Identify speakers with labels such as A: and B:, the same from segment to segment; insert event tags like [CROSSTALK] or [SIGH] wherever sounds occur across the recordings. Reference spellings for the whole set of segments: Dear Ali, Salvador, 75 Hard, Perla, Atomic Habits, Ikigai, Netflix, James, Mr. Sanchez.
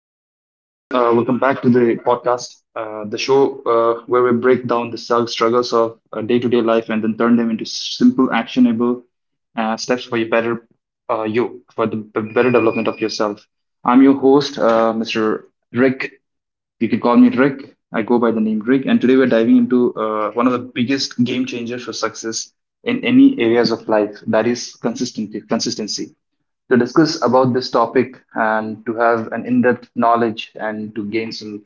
A: and welcome, everyone. Welcome back to the podcast, the show where we break down the self struggles of day to day life and then turn them into simple, actionable steps for your better you, for the b- better development of yourself. I'm your host, Mr. Rick. You can call me Rick. I go by the name Rick. And today we're diving into one of the biggest game changers for success in any areas of life, that is consistency. Consistency to discuss about this topic and to have an in-depth knowledge and to gain some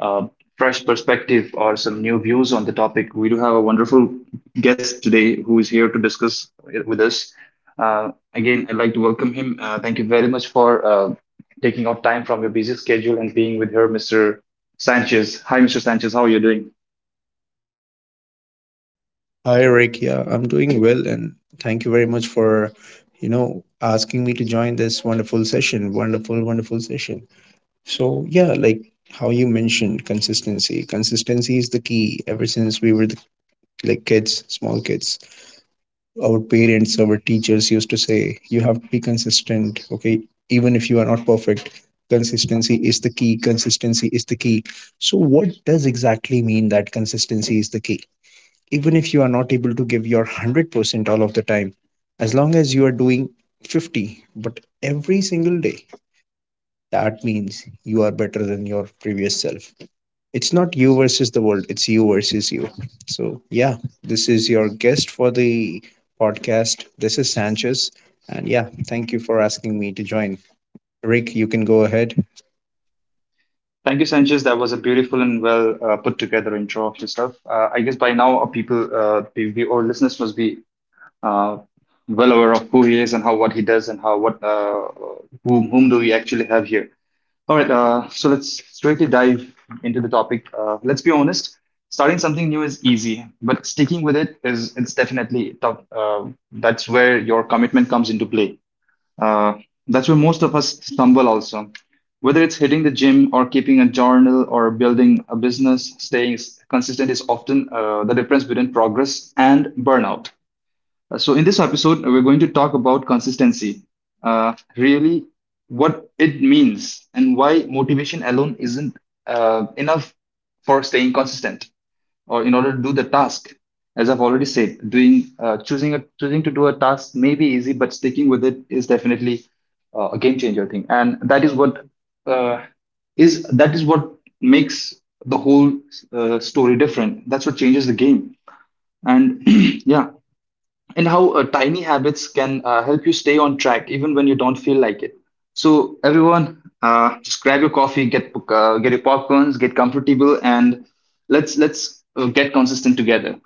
A: uh, fresh perspective or some new views on the topic. We do have a wonderful guest today who is here to discuss it with us. Again, I'd like to welcome him. Thank you very much for taking out time from your busy schedule and being with her, Mr. Sanchez. Hi, Mr. Sanchez. How are you doing?
B: Hi, Rick. Yeah, I'm doing well, and thank you very much for, you know, asking me to join this wonderful session. Wonderful, wonderful session. So, yeah, like how you mentioned consistency. Consistency is the key. Ever since we were like kids, small kids, our parents, our teachers used to say, you have to be consistent, okay? Even if you are not perfect, consistency is the key. Consistency is the key. So, what does exactly mean that consistency is the key? Even if you are not able to give your 100% all of the time, as long as you are doing 50 but every single day, that means you are better than your previous self. It's not you versus the world, it's you versus you. So yeah, this is your guest for the podcast. This is Sanchez, and yeah, thank you for asking me to join. Rick, you can go ahead.
A: Thank you, Sanchez. That was a beautiful and well put together intro of yourself. I guess by now, people, our listeners must be uh, well aware of who he is and how what he does and how what whom do we actually have here. All right, so let's straightly dive into the topic. Let's be honest, starting something new is easy, but sticking with it is it's definitely tough. That's where your commitment comes into play. Uh, that's where most of us stumble also. Whether it's hitting the gym or keeping a journal or building a business, staying consistent is often the difference between progress and burnout. So, in this episode, we're going to talk about consistency, really, what it means, and why motivation alone isn't enough for staying consistent or in order to do the task. As I've already said, choosing to do a task may be easy, but sticking with it is definitely a game changer thing, and that is what uh, is that is what makes the whole story different. That's what changes the game. And [CLEARS THROAT] yeah, and how tiny habits can help you stay on track even when you don't feel like it. So everyone, just grab your coffee, get your popcorns, get comfortable, and let's get consistent together.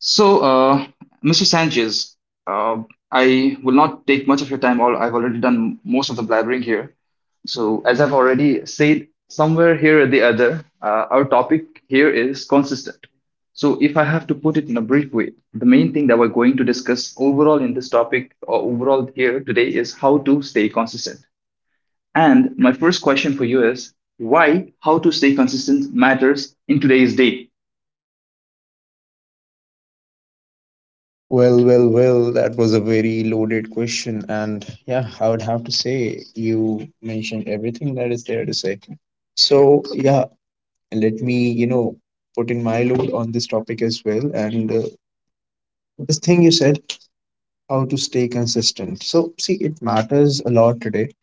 A: So, Mr. Sanchez, uh, I will not take much of your time. All I've already done most of the blabbering here. So, as I've already said somewhere here or the other, our topic here is consistent. So, if I have to put it in a brief way, the main thing that we're going to discuss overall in this topic, or overall here today, is how to stay consistent. And my first question for you is, why how to stay consistent matters in today's day?
B: Well, well, well, that was a very loaded question. And yeah, I would have to say you mentioned everything that is there to say. So, yeah, let me, you know, put in my load on this topic as well. And this thing you said, how to stay consistent. So, see, it matters a lot today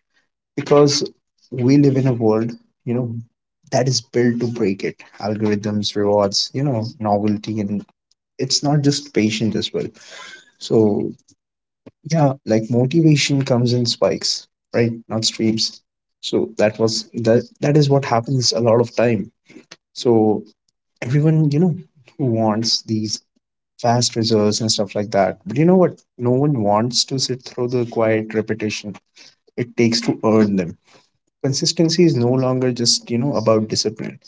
B: because we live in a world, you know, that is built to break it. Algorithms, rewards, you know, novelty, and it's not just patience as well. So yeah, like motivation comes in spikes, right, not streams. So that that is what happens a lot of time. So everyone, you know, who wants these fast results and stuff like that, but you know what, no one wants to sit through the quiet repetition it takes to earn them. Consistency is no longer just, you know, about discipline,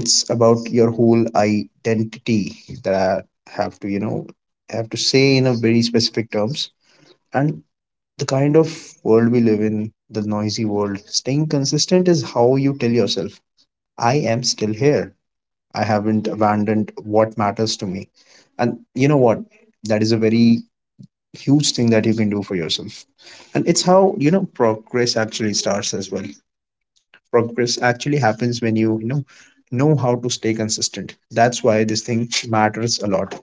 B: it's about your whole identity. That I have to, you know, have to say in a very specific terms. And the kind of world we live in, the noisy world, staying consistent is how you tell yourself, I am still here. I haven't abandoned what matters to me. And you know what? That is a very huge thing that you can do for yourself. And it's how, you know, progress actually starts as well. Progress actually happens when you know how to stay consistent. That's why this thing matters a lot.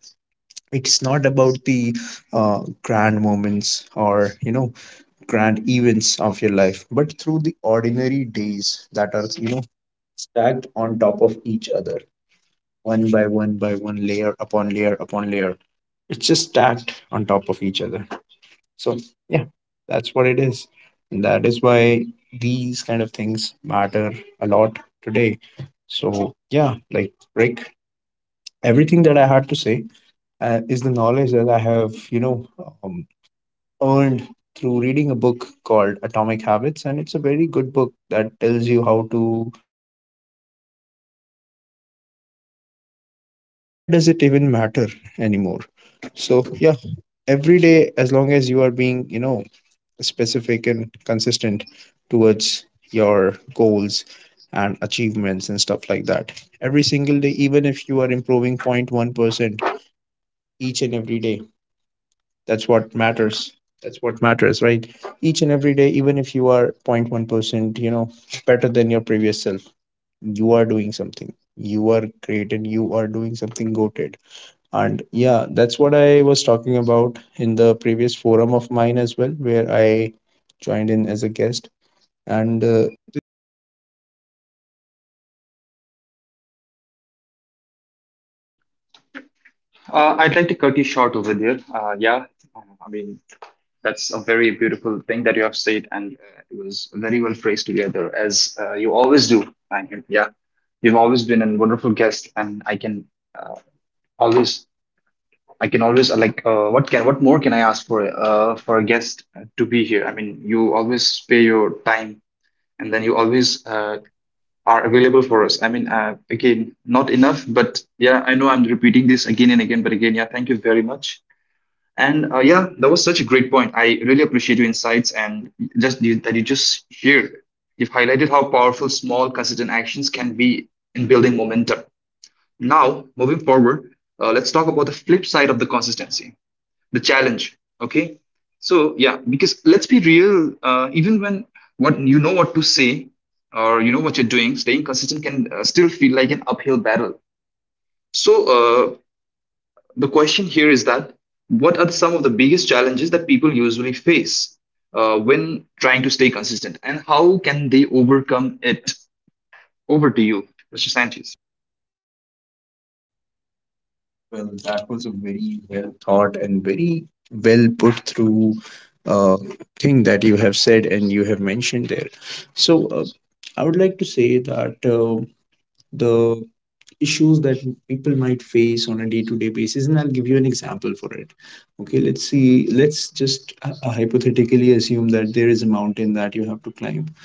B: It's not about the grand moments or, you know, grand events of your life, but through the ordinary days that are, you know, stacked on top of each other, one by one by one, layer upon layer upon layer. It's just stacked on top of each other. So, yeah, that's what it is. And that is why these kind of things matter a lot today. So, yeah, like Rick, everything that I had to say is the knowledge that I have, you know, um, earned through reading a book called Atomic Habits, and it's a very good book that tells you how to be consistent and how to stay consistent. And why does it even matter anymore? So, yeah, every day, as long as you are being, you know, specific and consistent towards your goals and achievements and stuff like that, every single day, even if you are improving 0.1% each and every day, that's what matters. That's what matters, right? Each and every day, even if you are 0.1%, you know, better than your previous self, you are doing something. You are great and you are doing something goated. And yeah, that's what I was talking about in the previous forum of mine as well, where I joined in as a guest. And
A: I'd like to cut you short over there. Yeah, I mean, that's a very beautiful thing that you have said, and it was very well phrased together, as you always do. And yeah, you've always been a wonderful guest, and uh, always, I can always what more can I ask for a guest to be here? I mean, you always spare your time, and then you always are available for us. I mean, again, not enough, but yeah, I know I'm repeating this again and again, but again, yeah, thank you very much. And yeah, that was such a great point. I really appreciate your insights and just you, that you just shared. You've highlighted how powerful small, consistent actions can be in building momentum. Now, moving forward, let's talk about the flip side of the consistency, the challenge. Okay. So, yeah, because let's be real, even when what you know what to say or you know what you're doing, staying consistent can still feel like an uphill battle. So, the question here is that, what are some of the biggest challenges that people usually face when trying to stay consistent, and how can they overcome it? Over to you, Mr. Sanchez.
B: well, that was a very well thought and very well put through uh, thing that you have said and you have mentioned there. So, I would like to say that the issues that people might face on a day to day basis, and I'll give you an example for it. Okay, let's see, let's just hypothetically assume that there is a mountain that you have to climb,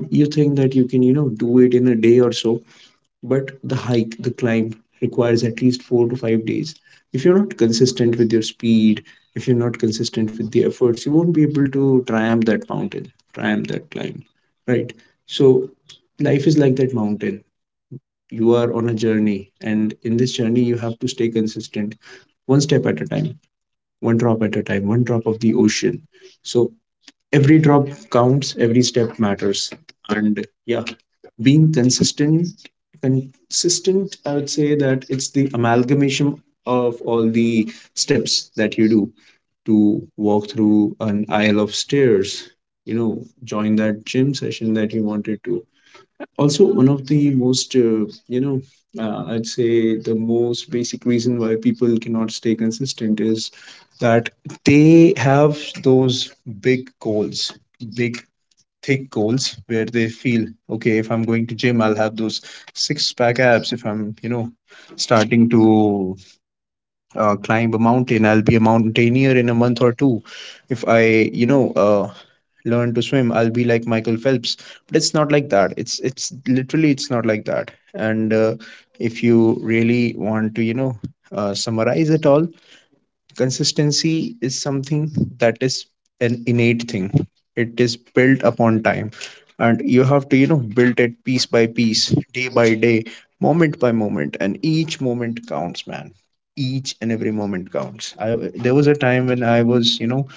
B: and you think that you can, you know, do it in a day or so, but the hike, the climb requires at least 4 to 5 days. If you're not consistent with your speed, if you're not consistent with the efforts, you won't be able to triumph that mountain, triumph that climb, right? So, life is like that mountain. You are on a journey, and in this journey, you have to stay consistent, one step at a time, one drop at a time, one drop of the ocean. So, every drop counts, every step matters. And yeah, being consistent, I would say that it's the amalgamation of all the steps that you do to walk through an aisle of stairs, you know, join that gym session that you wanted to. Also, one of the most you know, I'd say the most basic reason why people cannot stay consistent is that they have those big goals, big thick goals, where they feel, okay, if I'm going to gym, I'll have those six pack abs. If I'm, you know, starting to climb a mountain, I'll be a mountaineer in a month or two. If I, you know, learn to swim, I'll be like Michael Phelps. But it's not like that. It's literally it's not like that. And if you really want to, you know, summarize it all, consistency is something that is an innate thing. It is built upon time. And you have to, you know, build it piece by piece, day by day, moment by moment. And each moment counts, man. Each and every moment counts. I, there was a time when I was, you know,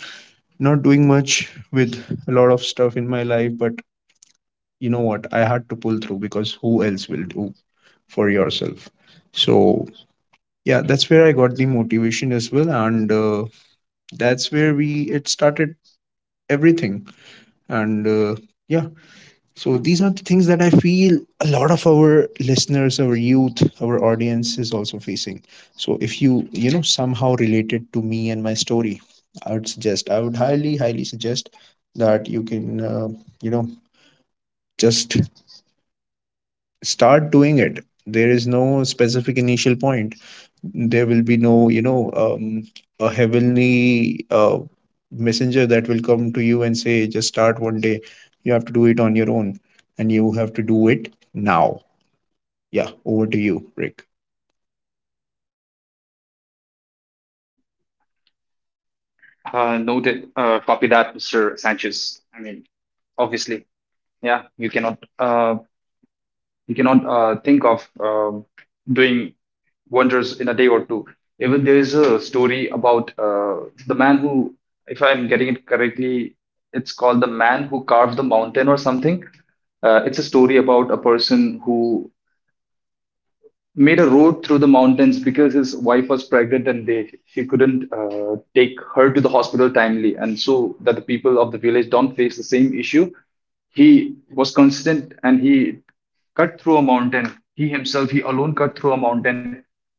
B: not doing much with a lot of stuff in my life, but you know what? I had to pull through because who else will do for yourself? So yeah, that's where I got the motivation as well. And that's where we it started everything. And yeah, so these are the things that I feel a lot of our listeners, our youth, our audience is also facing. So if you, you know, somehow related to me and my story, I would suggest, I would highly highly suggest that you can, you know, just start doing it. There is no specific initial point. There will be no, you know, a heavenly messenger that will come to you and say just start one day. You have to do it on your own, and you have to do it now. Yeah, over to you, Rick.
A: Noted. Copy that, Mr. Sanchez. I mean, obviously, yeah, you cannot think of doing wonders in a day or two. Even there is a story about the man who, if I'm getting it correctly, it's called The Man Who Carved the Mountain or something. It's a story about a person who made a road through the mountains because his wife was pregnant, and they he couldn't take her to the hospital timely, and so that the people of the village don't face the same issue, he was constant, and he cut through a mountain. He himself, he alone cut through a mountain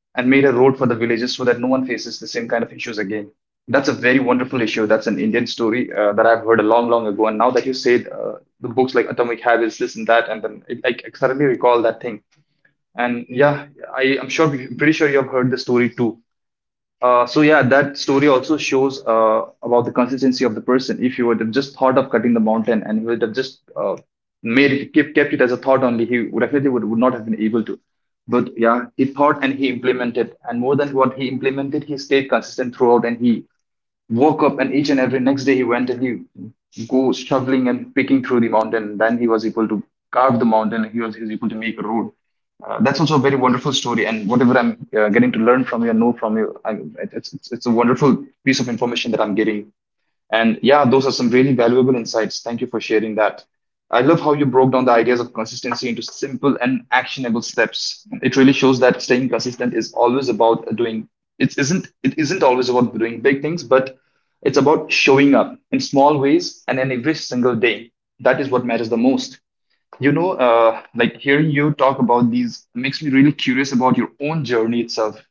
A: and made a road for the villages, so that no one faces the same kind of issues again. That's a very wonderful issue. That's an Indian story that I've heard a long long ago. And now that you said, the books like Atomic Habits, this and that, and then I suddenly recall that thing. And yeah, I'm pretty sure you have heard the story too. So yeah, that story also shows about the consistency of the person. If he would have just thought of cutting the mountain, and he would have just made it, kept it as a thought only, he would definitely would not have been able to. But yeah, he thought and he implemented. And more than what he implemented, he stayed consistent throughout, and he woke up, and each and every next day he went and he go shoveling and picking through the mountain. Then he was able to carve the mountain. He was able to make a road. That's also a very wonderful story, and whatever I'm getting to learn from you and know from you. It's a wonderful piece of information that I'm getting. And yeah, those are some really valuable insights. Thank you for sharing that. I love how you broke down the ideas of consistency into simple and actionable steps. It really shows that staying consistent is always about doing it isn't always about doing big things, but it's about showing up in small ways and in every single day. That is what matters the most. You know, like hearing you talk about these makes me really curious about your own journey itself,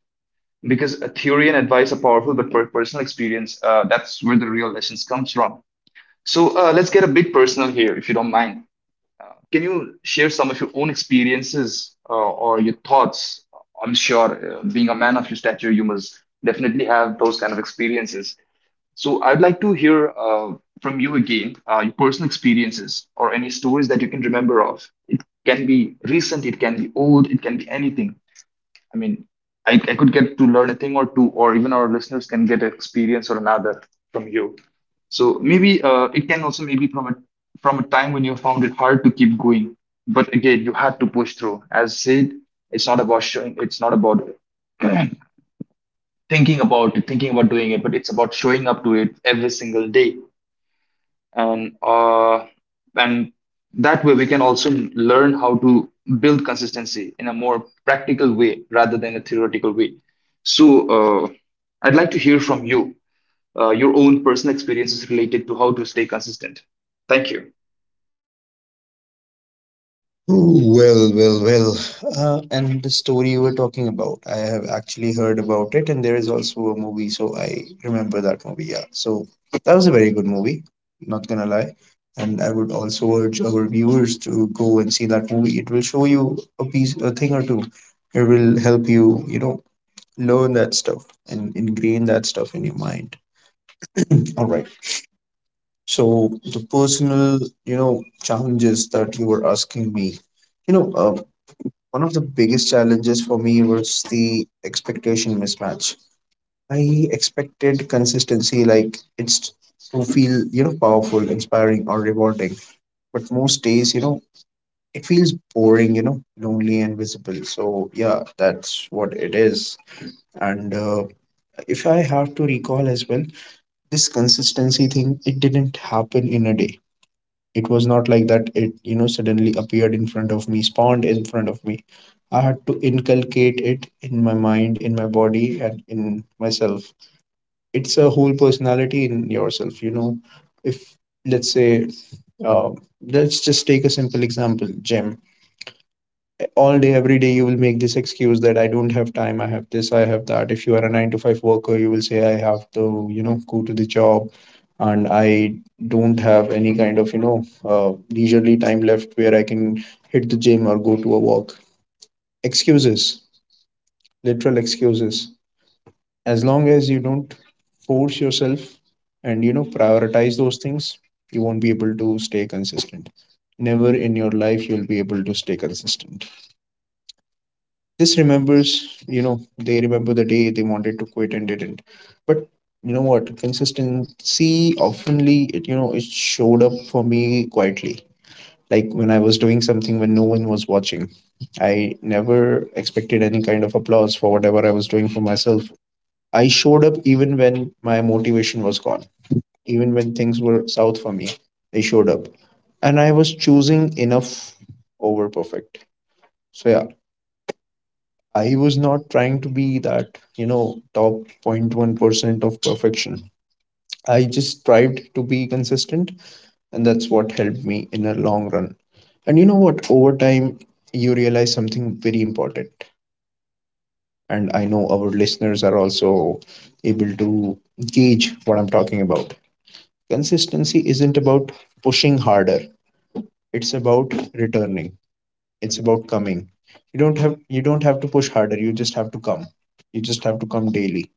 A: because a theory and advice are powerful, but personal experience, that's where the real lessons comes from. So let's get a bit personal here, if you don't mind. Can you share some of your own experiences or your thoughts? I'm sure, being a man of your stature, you must definitely have those kind of experiences. So I'd like to hear from you again your personal experiences or any stories that you can remember of. It can be recent, it can be old, it can be anything. I mean, I could get to learn a thing or two, or even our listeners can get experience or another from you. So maybe it can also maybe from a time when you found it hard to keep going, but again you had to push through. As said, it's not about showing. It's not about thinking about it, thinking about doing it, but it's about showing up to it every single day, and and that way we can also learn how to build consistency in a more practical way rather than a theoretical way. So, uh, I'd like to hear from you, your own personal experiences related to how to stay consistent. Thank you.
B: Ooh, well, well, well. And the story you were talking about, I have actually heard about it, and there is also a movie, so I remember that movie. Yeah, so that was a very good movie, not gonna lie. And I would also urge our viewers to go and see that movie. It will show you a piece, a thing or two. It will help you, you know, learn that stuff and ingrain that stuff in your mind. All right. So the personal, you know, challenges that you were asking me, you know, one of the biggest challenges for me was the expectation mismatch. I expected consistency, like it's to feel, you know, powerful, inspiring, or rewarding. But most days, you know, it feels boring, you know, lonely and visible. So, yeah, that's what it is. And if I have to recall as well, this consistency thing, it didn't happen in a day. It was not like that, it, you know, suddenly appeared in front of me, spawned in front of me. I had to inculcate it in my mind, in my body, and in myself. It's a whole personality in yourself, you know. If, let's say, uh, let's just take a simple example, gym. All day every day you will make this excuse that I don't have time, I have this, I have that. If you are a 9 to 5 worker, you will say I have to, you know, go to the job, and I don't have any kind of, you know, leisurely time left where I can hit the gym or go to a walk. Excuses, literal excuses. As long as you don't force yourself and, you know, prioritize those things, you won't be able to stay consistent. Never in your life you'll be able to stay consistent. This remembers, you know, they remember the day they wanted to quit and didn't. But you know what? Consistency oftenly, it, you know, it showed up for me quietly. Like when I was doing something when no one was watching, I never expected any kind of applause for whatever I was doing for myself. I showed up even when my motivation was gone, even when things were south for me. They showed up, and I was choosing enough over perfect. So yeah, I was not trying to be that top 0.1% of perfection. I just strived to be consistent, and that's what helped me in a long run. And you know what? Over time, you realize something very important. And I know our listeners are also able to gauge what I'm talking about. Consistency isn't about pushing harder, it's about returning, it's about coming. You don't have to push harder, you just have to come. You just have to come daily,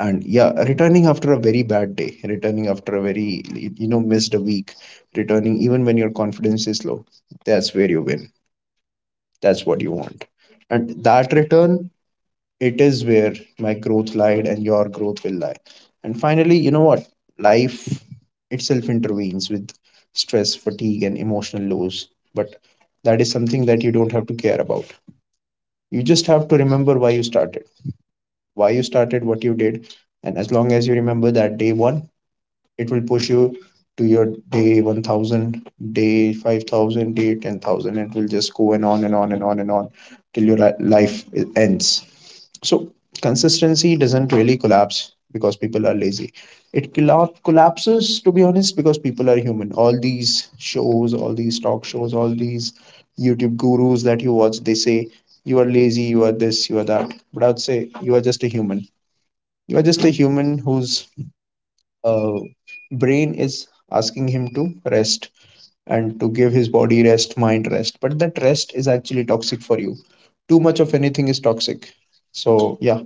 B: and yeah, returning after a very bad day, returning after a very missed a week, returning even when your confidence is low, that's where you win, that's what you want. And that return, it is where my growth lied and your growth will lie. And finally, you know what, life itself intervenes with stress, fatigue, and emotional lows. But that is something that you don't have to care about. You just have to remember why you started, why you started what you did. And as long as you remember that day one, it will push you to your day 1,000, day 5,000, day 10,000. It will just go and on and on and on and on till your life ends. So consistency doesn't really collapse because people are lazy, it collapses to be honest because people are human. All these shows, all these talk shows, all these YouTube gurus that you watch, they say you are lazy, you are this, you are that. But I would say you are just a human. You are just a human who's uh, brain is asking him to rest and to give his body rest, mind rest. But that rest is actually toxic for you. Too much of anything is toxic. So, yeah,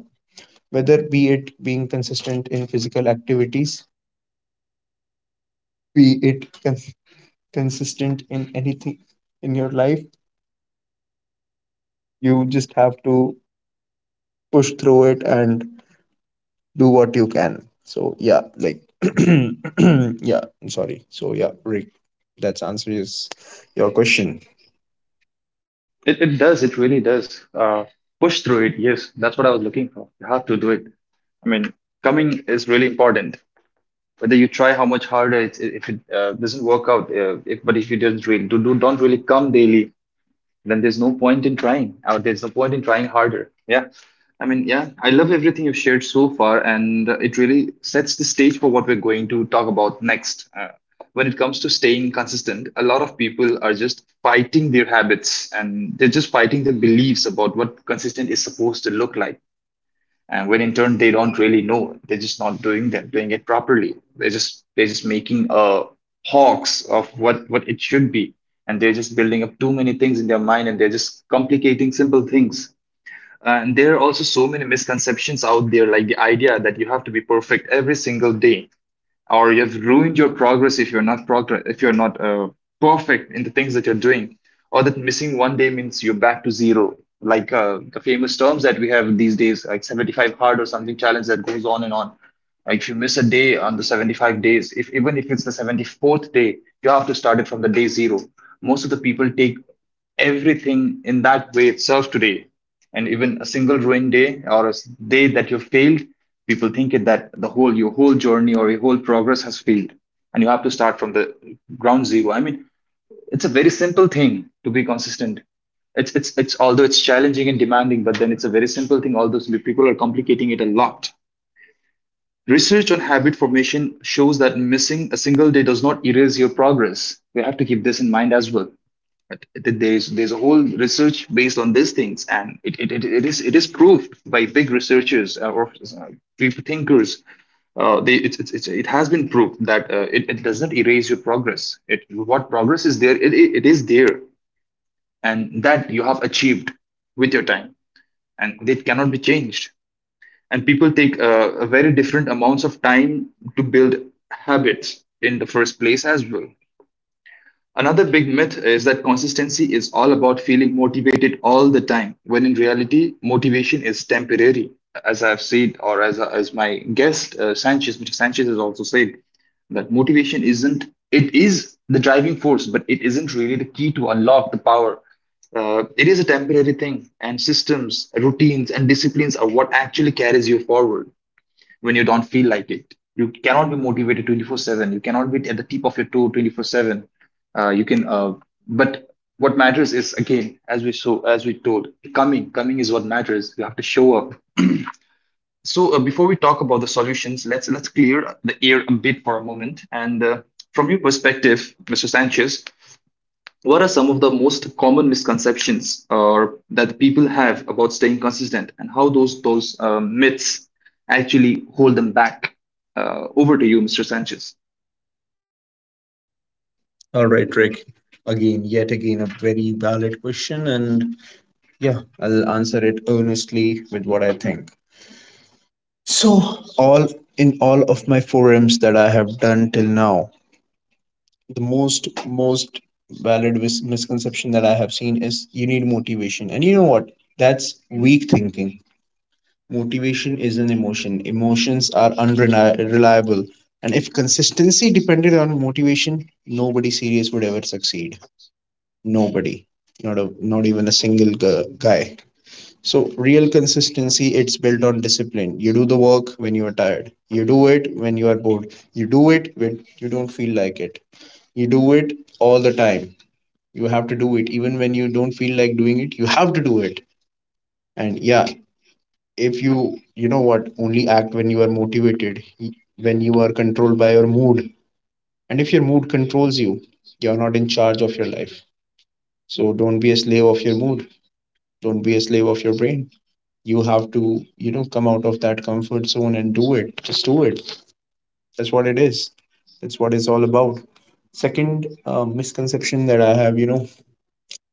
B: whether be it being consistent in physical activities, be it consistent in anything in your life, you just have to push through it and do what you can. So, yeah, like, [CLEARS THROAT] yeah, I'm sorry. So, yeah, Rick, that's answers your question.
A: It does. It really does. Uh, Push through it. Yes, that's what I was looking for. You have to do it. I mean, coming is really important. Whether you try how much harder, if it doesn't work out, if, but if you didn't really do, do don't really come daily, then there's no point in trying, or there's no point in trying harder. Yeah, I mean, yeah, I love everything you've shared so far, and it really sets the stage for what we're going to talk about next. When it comes to staying consistent, a lot of people are just fighting their habits, and they're just fighting the beliefs about what consistent is supposed to look like, and when in turn they don't really know, they're just not doing that, doing it properly. They're just making a hoax of what it should be, and they're just building up too many things in their mind, and they're just complicating simple things. And there are also so many misconceptions out there, like the idea that you have to be perfect every single day, or you have ruined your progress if you're not progress if you're not perfect in the things that you're doing, or that missing one day means you're back to zero, like the famous terms that we have these days, like 75 hard or something, challenge that goes on and on. Like, if you miss a day on the 75 days, if even if it's the 74th day, you have to start it from the day zero. Most of the people take everything in that way itself today. And even a single ruined day or a day that you failed, people think it that the whole your whole journey or your whole progress has failed, and you have to start from the ground zero. I mean, it's a very simple thing to be consistent. It's although it's challenging and demanding, but then it's a very simple thing. Although people are complicating it a lot. Research on habit formation shows that missing a single day does not erase your progress. We have to keep this in mind as well. There's a whole research based on these things, and it is proved by big researchers, or uh, big thinkers. Uh, they, it, it, it, it has been proved that it does not erase your progress. It, what progress is there, it is there, and that you have achieved with your time, and it cannot be changed. And people take a very different amounts of time to build habits in the first place as well. Another big myth is that consistency is all about feeling motivated all the time, when in reality, motivation is temporary. As I've said, or as my guest Sanchez, Mr. Sanchez has also said, that motivation isn't, it is the driving force, but it isn't really the key to unlock the power. It is a temporary thing, and systems, routines, and disciplines are what actually carries you forward when you don't feel like it. You cannot be motivated 24/7. You cannot be at the tip of your toe 24/7. You can, but what matters is, again, as we told, coming is what matters. You have to show up. So, before we talk about the solutions, let's clear the air a bit for a moment. And from your perspective, Mr. Sanchez, what are some of the most common misconceptions or that people have about staying consistent, and how those myths actually hold them back? Over to you, Mr. Sanchez.
B: All right, Rick. Again, yet again, a very valid question, and yeah, I'll answer it earnestly with what I think. So, all in all of my forums that I have done till now, the most valid misconception that I have seen is you need motivation, and you know what? That's weak thinking. Motivation is an emotion. Emotions are unreliable, and if consistency depended on motivation, nobody serious would ever succeed. Nobody, not even a single guy. So real consistency, it's built on discipline. You do the work when you are tired, you do it when you are bored, you do it when you don't feel like it, you do it all the time. You have to do it even when you don't feel like doing it, you have to do it. And yeah, if you you know what only act when you are motivated, when you are controlled by your mood, and if your mood controls you, you're not in charge of your life. So don't be a slave of your mood. Don't be a slave of your brain. You have to come out of that comfort zone and do it. Just do it. That's what it is. That's what it's all about. Second misconception that I have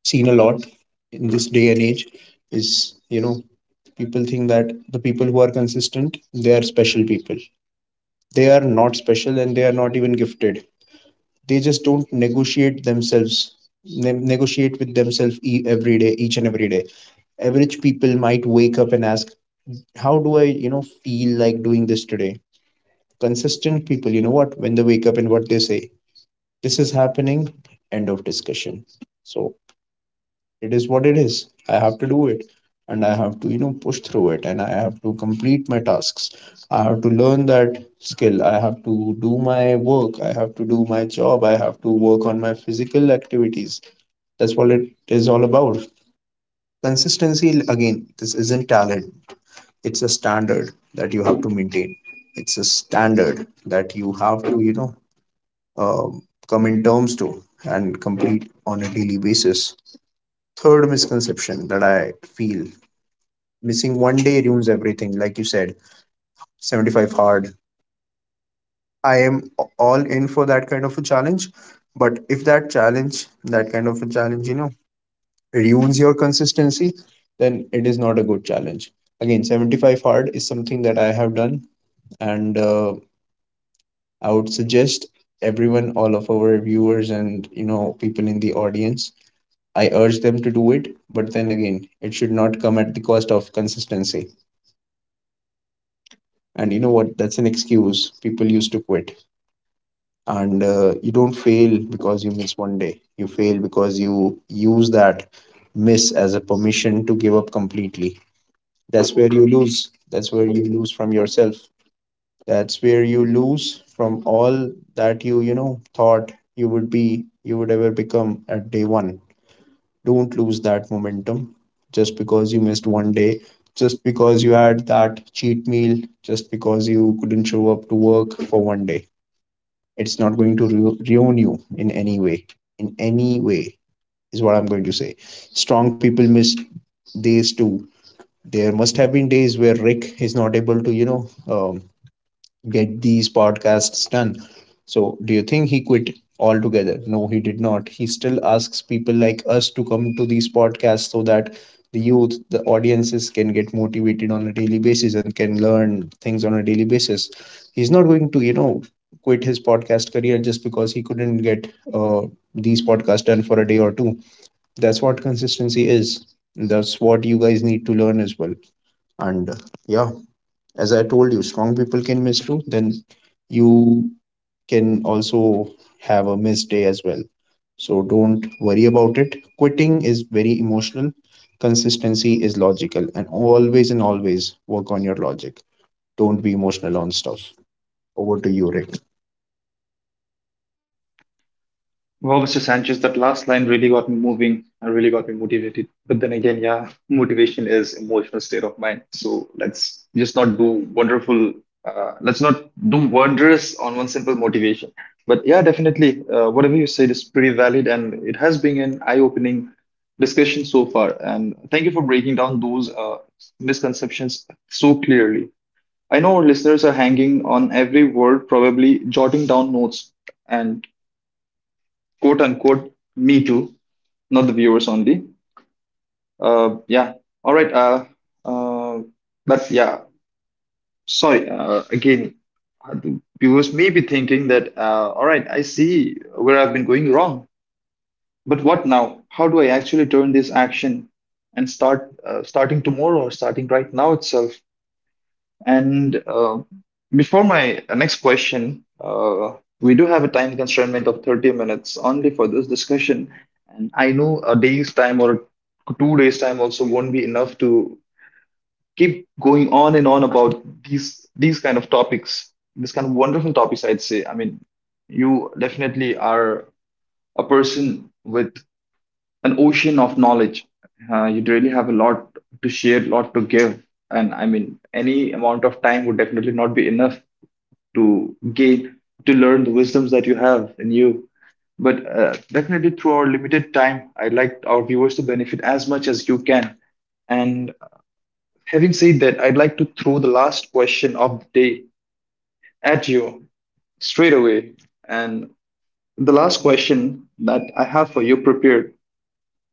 B: seen a lot in this day and age is people think that the people who are consistent, they are special people. They are not special and they are not even gifted. They just don't negotiate themselves, negotiate with themselves every day, each and every day. Average people might wake up and ask, how do I feel like doing this today? Consistent people, you know what, when they wake up and what they say, this is happening, end of discussion. So it is what it is. I have to do it and I have to push through it and I have to complete my tasks. I have to learn that skill. I have to do my work. I have to do my job. I have to work on my physical activities. That's what it is all about. Consistency, again, this isn't talent, it's a standard that you have to maintain. It's a standard that you have to um come in terms to and complete on a daily basis. Third misconception that I feel, missing one day ruins everything, like you said, 75 hard. I am all in for that kind of a challenge. But if that challenge, that kind of a challenge, you know, ruins your consistency, then it is not a good challenge. Again, 75 hard is something that I have done, and I would suggest everyone, all of our viewers and people in the audience, I urge them to do it. But then again, it should not come at the cost of consistency. And you know what? That's an excuse people used to quit. And you don't fail because you miss one day. You fail because you use that miss as a permission to give up completely. That's where you lose. That's where you lose from yourself. That's where you lose from all that you thought you would be, you would ever become at day one. Don't lose that momentum just because you missed one day, just because you had that cheat meal, just because you couldn't show up to work for one day. It's not going to ruin you in any way. In any way, is what I'm going to say. Strong people miss days too. There must have been days where Rick is not able to get these podcasts done. So, do you think he quit altogether? No, he did not. He still asks people like us to come to these podcasts so that the youth, the audiences can get motivated on a daily basis and can learn things on a daily basis. He's not going to quit his podcast career just because he couldn't get uh, these podcasts done for a day or two. That's what consistency is. That's what you guys need to learn as well. And yeah, as I told you, strong people can miss too. Then you can also have a missed day as well. So don't worry about it. Quitting is very emotional. Consistency is logical. And always and always, work on your logic. Don't be emotional on stuff. Over to you, Rick.
A: Wow, Mr. Sanchez, that last line really got me moving. I really got me motivated. But then again, yeah, motivation is emotional state of mind. So let's just not do wonderful. Let's not do wondrous on one simple motivation. But yeah, definitely, whatever you said is pretty valid, and it has been an eye-opening discussion so far. And thank you for breaking down those misconceptions so clearly. I know our listeners are hanging on every word, probably jotting down notes, and quote unquote me too, not the viewers only. Yeah, all right. Uh but yeah, sorry, again. uh, Viewers may be thinking that, all right, I see where I've been going wrong, but what now? How do I actually turn this action and start, starting tomorrow or starting right now itself. And before my next question, we do have a time constraint of 30 minutes only for this discussion. And I know a day's time or 2 days time also won't be enough to keep going on and on about these kind of topics, this kind of wonderful topics, I'd say. I mean, you definitely are a person with an ocean of knowledge. You really have a lot to share, lot to give, and I mean, any amount of time would definitely not be enough to gain to learn the wisdoms that you have in you. But definitely, through our limited time, I'd like our viewers to benefit as much as you can. And having said that, I'd like to throw the last question of the day at you straight away. And the last question that I have for you prepared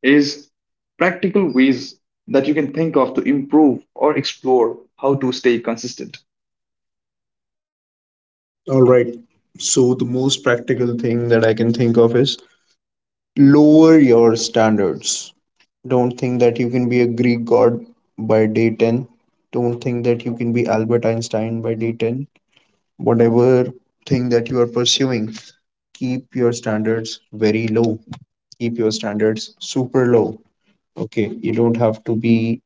A: is practical ways that you can think of to improve or explore how to stay consistent.
B: All right. So the most practical thing that I can think of is lower your standards. Don't think that you can be a Greek god by day 10. Don't think that you can be Albert Einstein by day 10. Whatever thing that you are pursuing, keep your standards very low. Keep your standards super low. Okay, you don't have to be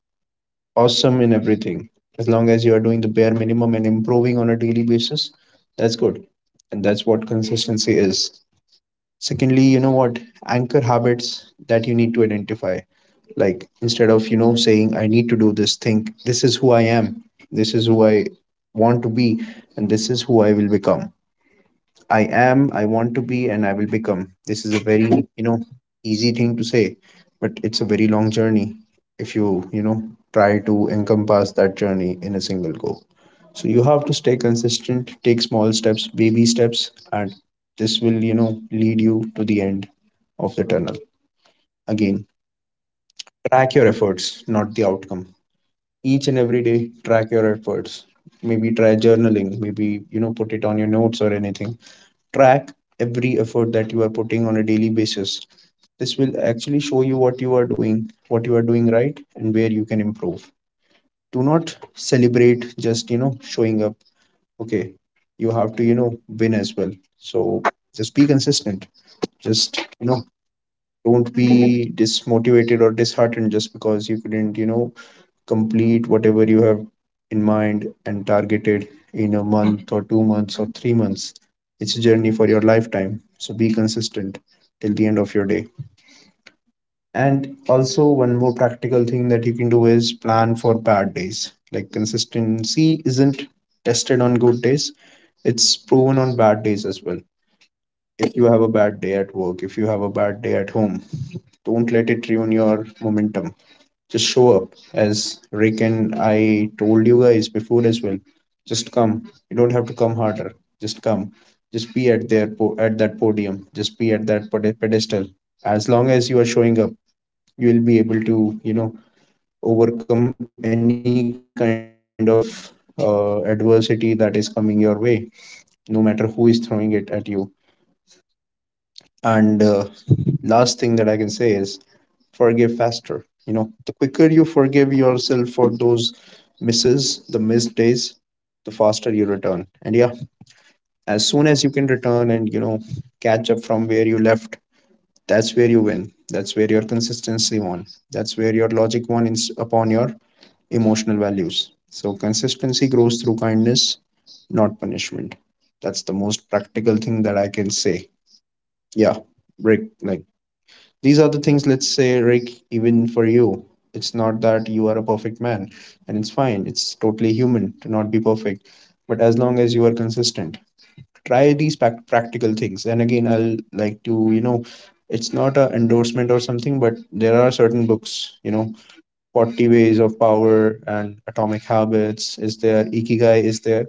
B: awesome in everything. As long as you are doing the bare minimum and improving on a daily basis, that's good. And that's what consistency is. Secondly, you know what, anchor habits that you need to identify, like instead of, you know, saying I need to do this thing, this is who I am, this is who I want to be, and this is who I will become. I am, I want to be, and I will become. This is a very easy thing to say, but it's a very long journey if you try to encompass that journey in a single go. So you have to stay consistent, take small steps, baby steps, and this will lead you to the end of the tunnel. Again, track your efforts, not the outcome. Each and every day, track your efforts. Maybe try journaling, maybe put it on your notes or anything. Track every effort that you are putting on a daily basis. This will actually show you what you are doing, what you are doing right, and where you can improve. Do not celebrate just showing up. Okay, you have to win as well. So just be consistent. Just don't be dismotivated or disheartened just because you couldn't complete whatever you have in mind and targeted in a month or 2 months or 3 months. It's a journey for your lifetime. So be consistent till the end of your day. And also, one more practical thing that you can do is plan for bad days. Like consistency isn't tested on good days, it's proven on bad days as well. If you have a bad day at work, if you have a bad day at home, don't let it ruin your momentum. Just show up, as Rick and I told you guys before as well. Just come. You don't have to come harder. Just come. Just be at at that podium. Just be at that pedestal. As long as you are showing up, you will be able to, you know, overcome any kind of adversity that is coming your way, no matter who is throwing it at you. And last thing that I can say is forgive faster. The quicker you forgive yourself for those misses, the missed days, the faster you return. And yeah, as soon as you can return and catch up from where you left, that's where you win. That's where your consistency won. That's where your logic won in, upon your emotional values. So consistency grows through kindness, not punishment. That's the most practical thing that I can say. Yeah, break like these are the things, let's say, Rick, even for you, it's not that you are a perfect man, and it's fine. It's totally human to not be perfect. But as long as you are consistent, try these practical things. And again, I'll like to it's not a endorsement or something, but there are certain books 40 Ways of Power and Atomic Habits is there, Ikigai is there.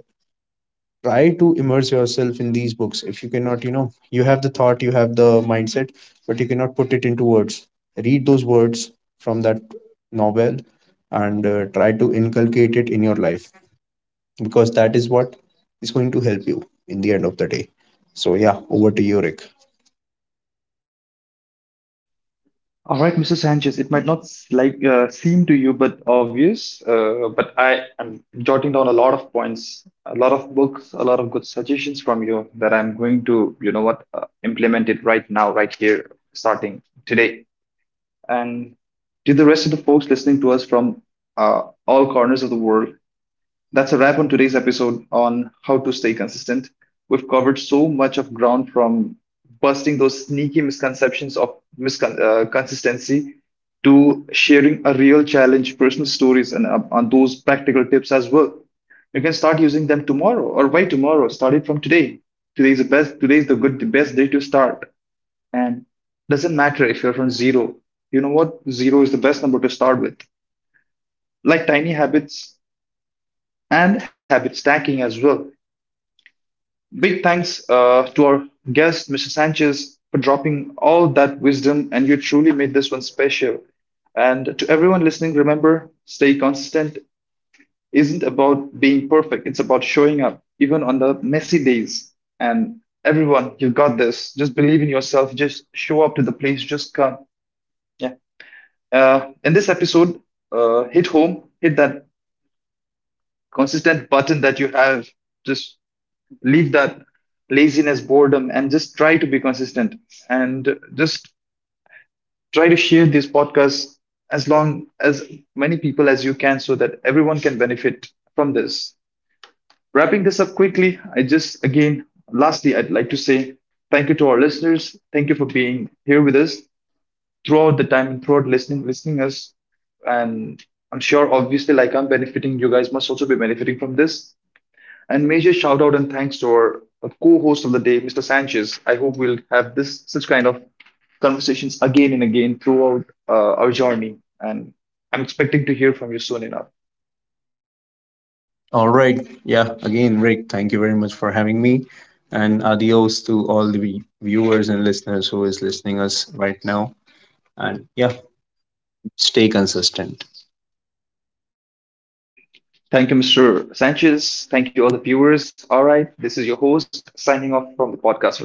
B: Try to immerse yourself in these books if you cannot, you know, you have the thought, you have the mindset, but you cannot put it into words. Read those words from that novel, and try to inculcate it in your life because that is what is going to help you in the end of the day. So yeah, over to you, Rick.
A: All right, Mr. Sanchez, it might not seem to you but obvious, but I am jotting down a lot of points, a lot of books, a lot of good suggestions from you that I'm going to, you know what, implement it right now, right here, starting today. And to the rest of the folks listening to us from all corners of the world, that's a wrap on today's episode on how to stay consistent. We've covered so much of ground, from busting those sneaky misconceptions of consistency to sharing a real challenge, personal stories, and on those practical tips as well. You can start using them tomorrow, or by tomorrow, start it from today. Today is the best. Today is the good, the best day to start, and doesn't matter if you're from zero. You know what? Zero is the best number to start with. Like tiny habits and habit stacking as well. Big thanks to our guest, Mr. Sanchez, for dropping all that wisdom, and you truly made this one special. And to everyone listening, remember stay consistent isn't about being perfect, it's about showing up, even on the messy days. And everyone, you got this. Just believe in yourself, just show up to the place, just come. Yeah. In this episode, hit home, hit that consistent button that you have. Just leave that laziness, boredom, and just try to be consistent, and just try to share these podcasts as long as many people as you can, so that everyone can benefit from this. Wrapping this up quickly, I just again, lastly, I'd like to say thank you to our listeners. Thank you for being here with us throughout the time and throughout listening us. And I'm sure, obviously, like, I'm benefiting, you guys must also be benefiting from this. And major shout out and thanks to our co-host of the day, Mr. Sanchez. I hope we'll have this such kind of conversations again and again throughout our journey. And I'm expecting to hear from you soon enough.
B: All right, yeah, again, Rick, thank you very much for having me and adios to all the viewers and listeners who is listening us right now, and yeah, stay consistent.
A: Thank you, Mr. Sanchez. Thank you, all the viewers. All right, this is your host signing off from the podcast for today.